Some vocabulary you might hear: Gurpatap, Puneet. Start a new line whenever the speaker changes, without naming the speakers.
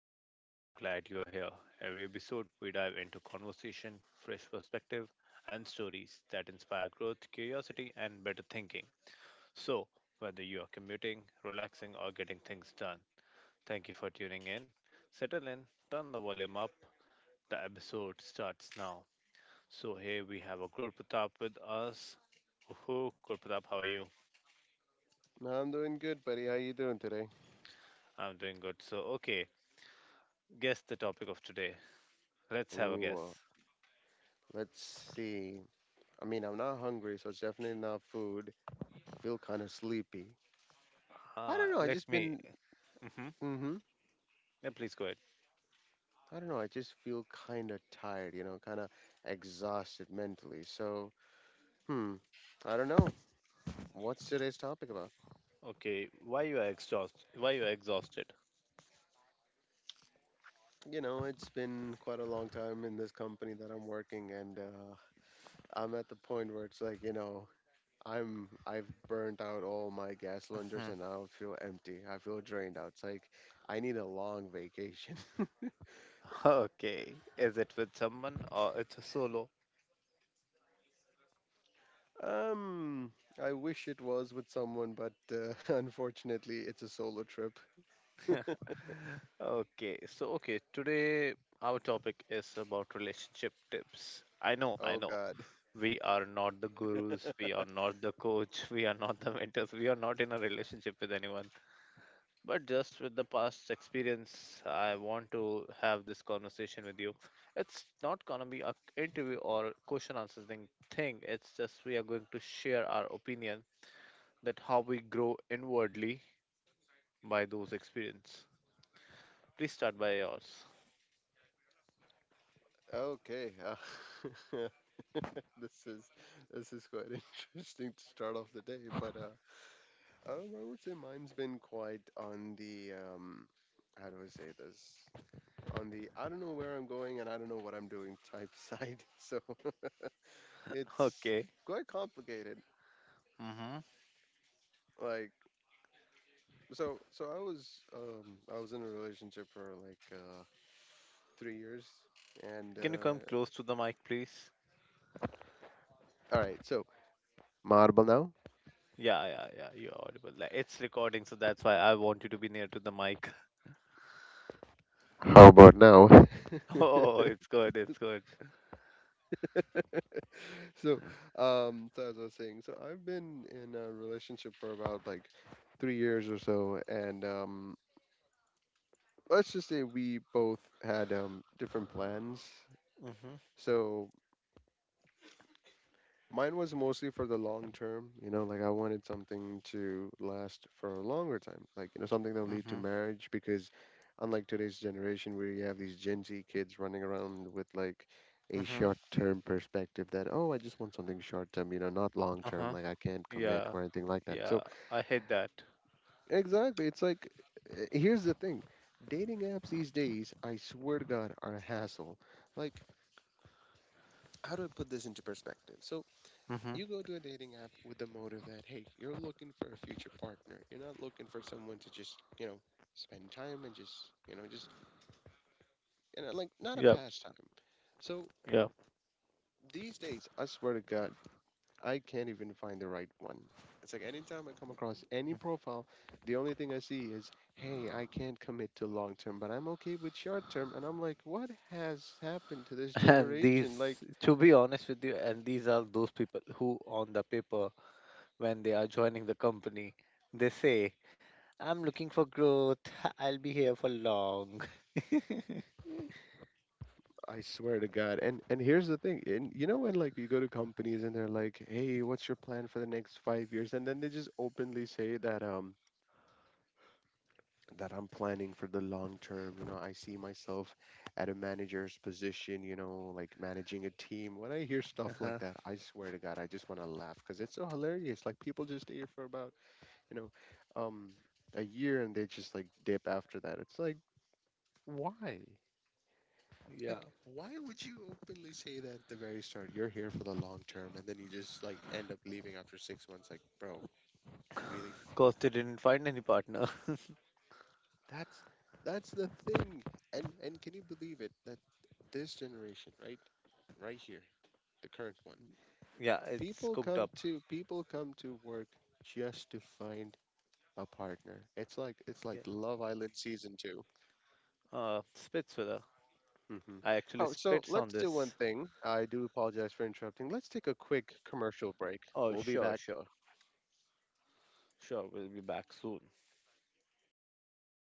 Puneet and I'm glad you're here. Every episode, we dive into conversation, fresh perspective, and stories that inspire growth, curiosity, and better thinking. So, whether you are commuting, relaxing, or getting things done, thank you for tuning in. Settle in, turn the volume up. The episode starts now. So, here we have a Gurpatap with us. Woohoo, Gurpatap, how are you?
I'm doing good, buddy. How you doing today?
I'm doing good. So, okay, guess the topic of today. Let's have a
Ooh,
guess.
uh, let's see. I mean, I'm not hungry, so it's definitely not food. I feel kind of sleepy. I don't know. I
Let
just
me.
been.
Mm-hmm.
Mm-hmm.
Yeah, please go ahead.
I don't know. I just feel kind of tired. You know, kind of exhausted mentally. Hmm. I don't know. What's today's topic about?
Okay, why you are exhausted? Why you are exhausted?
You know, it's been quite a long time in this company that I'm working, and I'm at the point where it's like, you know, I've burnt out all my gas cylinders
Hmm.
and I feel empty. I feel drained out. It's like I need a long vacation.
Okay, is it with someone or it's a solo?
Um, I wish it was with someone, but unfortunately, it's a solo trip.
Okay, so okay, today our topic is about relationship tips. I know, I
Oh
know.
God.
We are not the gurus, we are not the coach, we are not the mentors, we are not in a relationship with anyone, but just with the past experience, I want to have this conversation with you. It's not gonna be a interview or question answering thing. It's just we are going to share our opinion that how we grow inwardly by those experience. Please start by yours.
Okay. This is this is quite interesting to start off the day, but I would say mine's been quite on the how do I say this? On the I don't know where I'm going and I don't know what I'm doing type side. So it's
Okay.
quite complicated.
Mm-hmm.
Like so I was in a relationship for like 3 years and
Can you come
uh
close to the mic, please?
all right, so marble
Yeah, yeah, yeah. You're audible. Like, it's recording, so that's why I want you to be near to the mic.
now? How about now?
Oh, it's good. It's good.
So so as I was saying, so I've been in a relationship for about like 3 years or so and let's just say we both had different plans.
Mm-hmm.
So mine was mostly for the long term, you know, like I wanted something to last for a longer time, like, you know, something that'll lead to
Mm-hmm.
marriage, because unlike today's generation where you have these Gen Z kids running around with like a
Mm-hmm.
short-term perspective that, oh, I just want something short-term, you know, not long-term,
Uh-huh.
like I can't commit
Yeah,
or anything like that.
yeah,
So,
I hate that.
exactly, it's like here's the thing. Dating apps these days, I swear to God, are a hassle. Like, how do I put this into perspective? So,
Mm-hmm.
you go to a dating app with the motive that, hey, you're looking for a future partner. You're not looking for someone to just, you know, spend time and just, you know, just, and know, like not a
Yep,
pastime. So
yep.
these days, I swear to God, I can't even find the right one. It's like anytime I come across any profile, the only thing I see is, hey, I can't commit to long term, but I'm okay with short term. And I'm like, what has happened to this
And
generation? Like,
these, to be honest with you, and these are those people who, on the paper, when they are joining the company, they say, I'm looking for growth. I'll be here for long.
I swear to God. And here's the thing. And you know when like you go to companies and they're like, "Hey, what's your plan for the next 5 years?" And then they just openly say that that I'm planning for the long term, you know, I see myself at a manager's position, you know, like managing a team. When I hear stuff like
Uh-huh.
that, I swear to God, I just want to laugh because it's so hilarious. Like people just stay here for about, you know, um a year and they just like dip after that. It's like, why? Like,
Yeah.
why would you openly say that at the very start? You're here for the long term, and then you just like end up leaving after 6 months. Like, bro, really?
Because they didn't find any partner.
That's that's the thing. And can you believe it that this generation, right, right here, the current one,
Yeah, it's
people
cooked
come
up.
to people come to work just to find a partner. It's like
Yeah.
Love Island season 2.
Spitz, with her.
Hmm.
I actually
Oh, so
spits on
let's do one
this.
thing. I do apologize for interrupting. Let's take a quick commercial break.
Oh,
We'll be
sure,
back
sure, sure. We'll be back soon.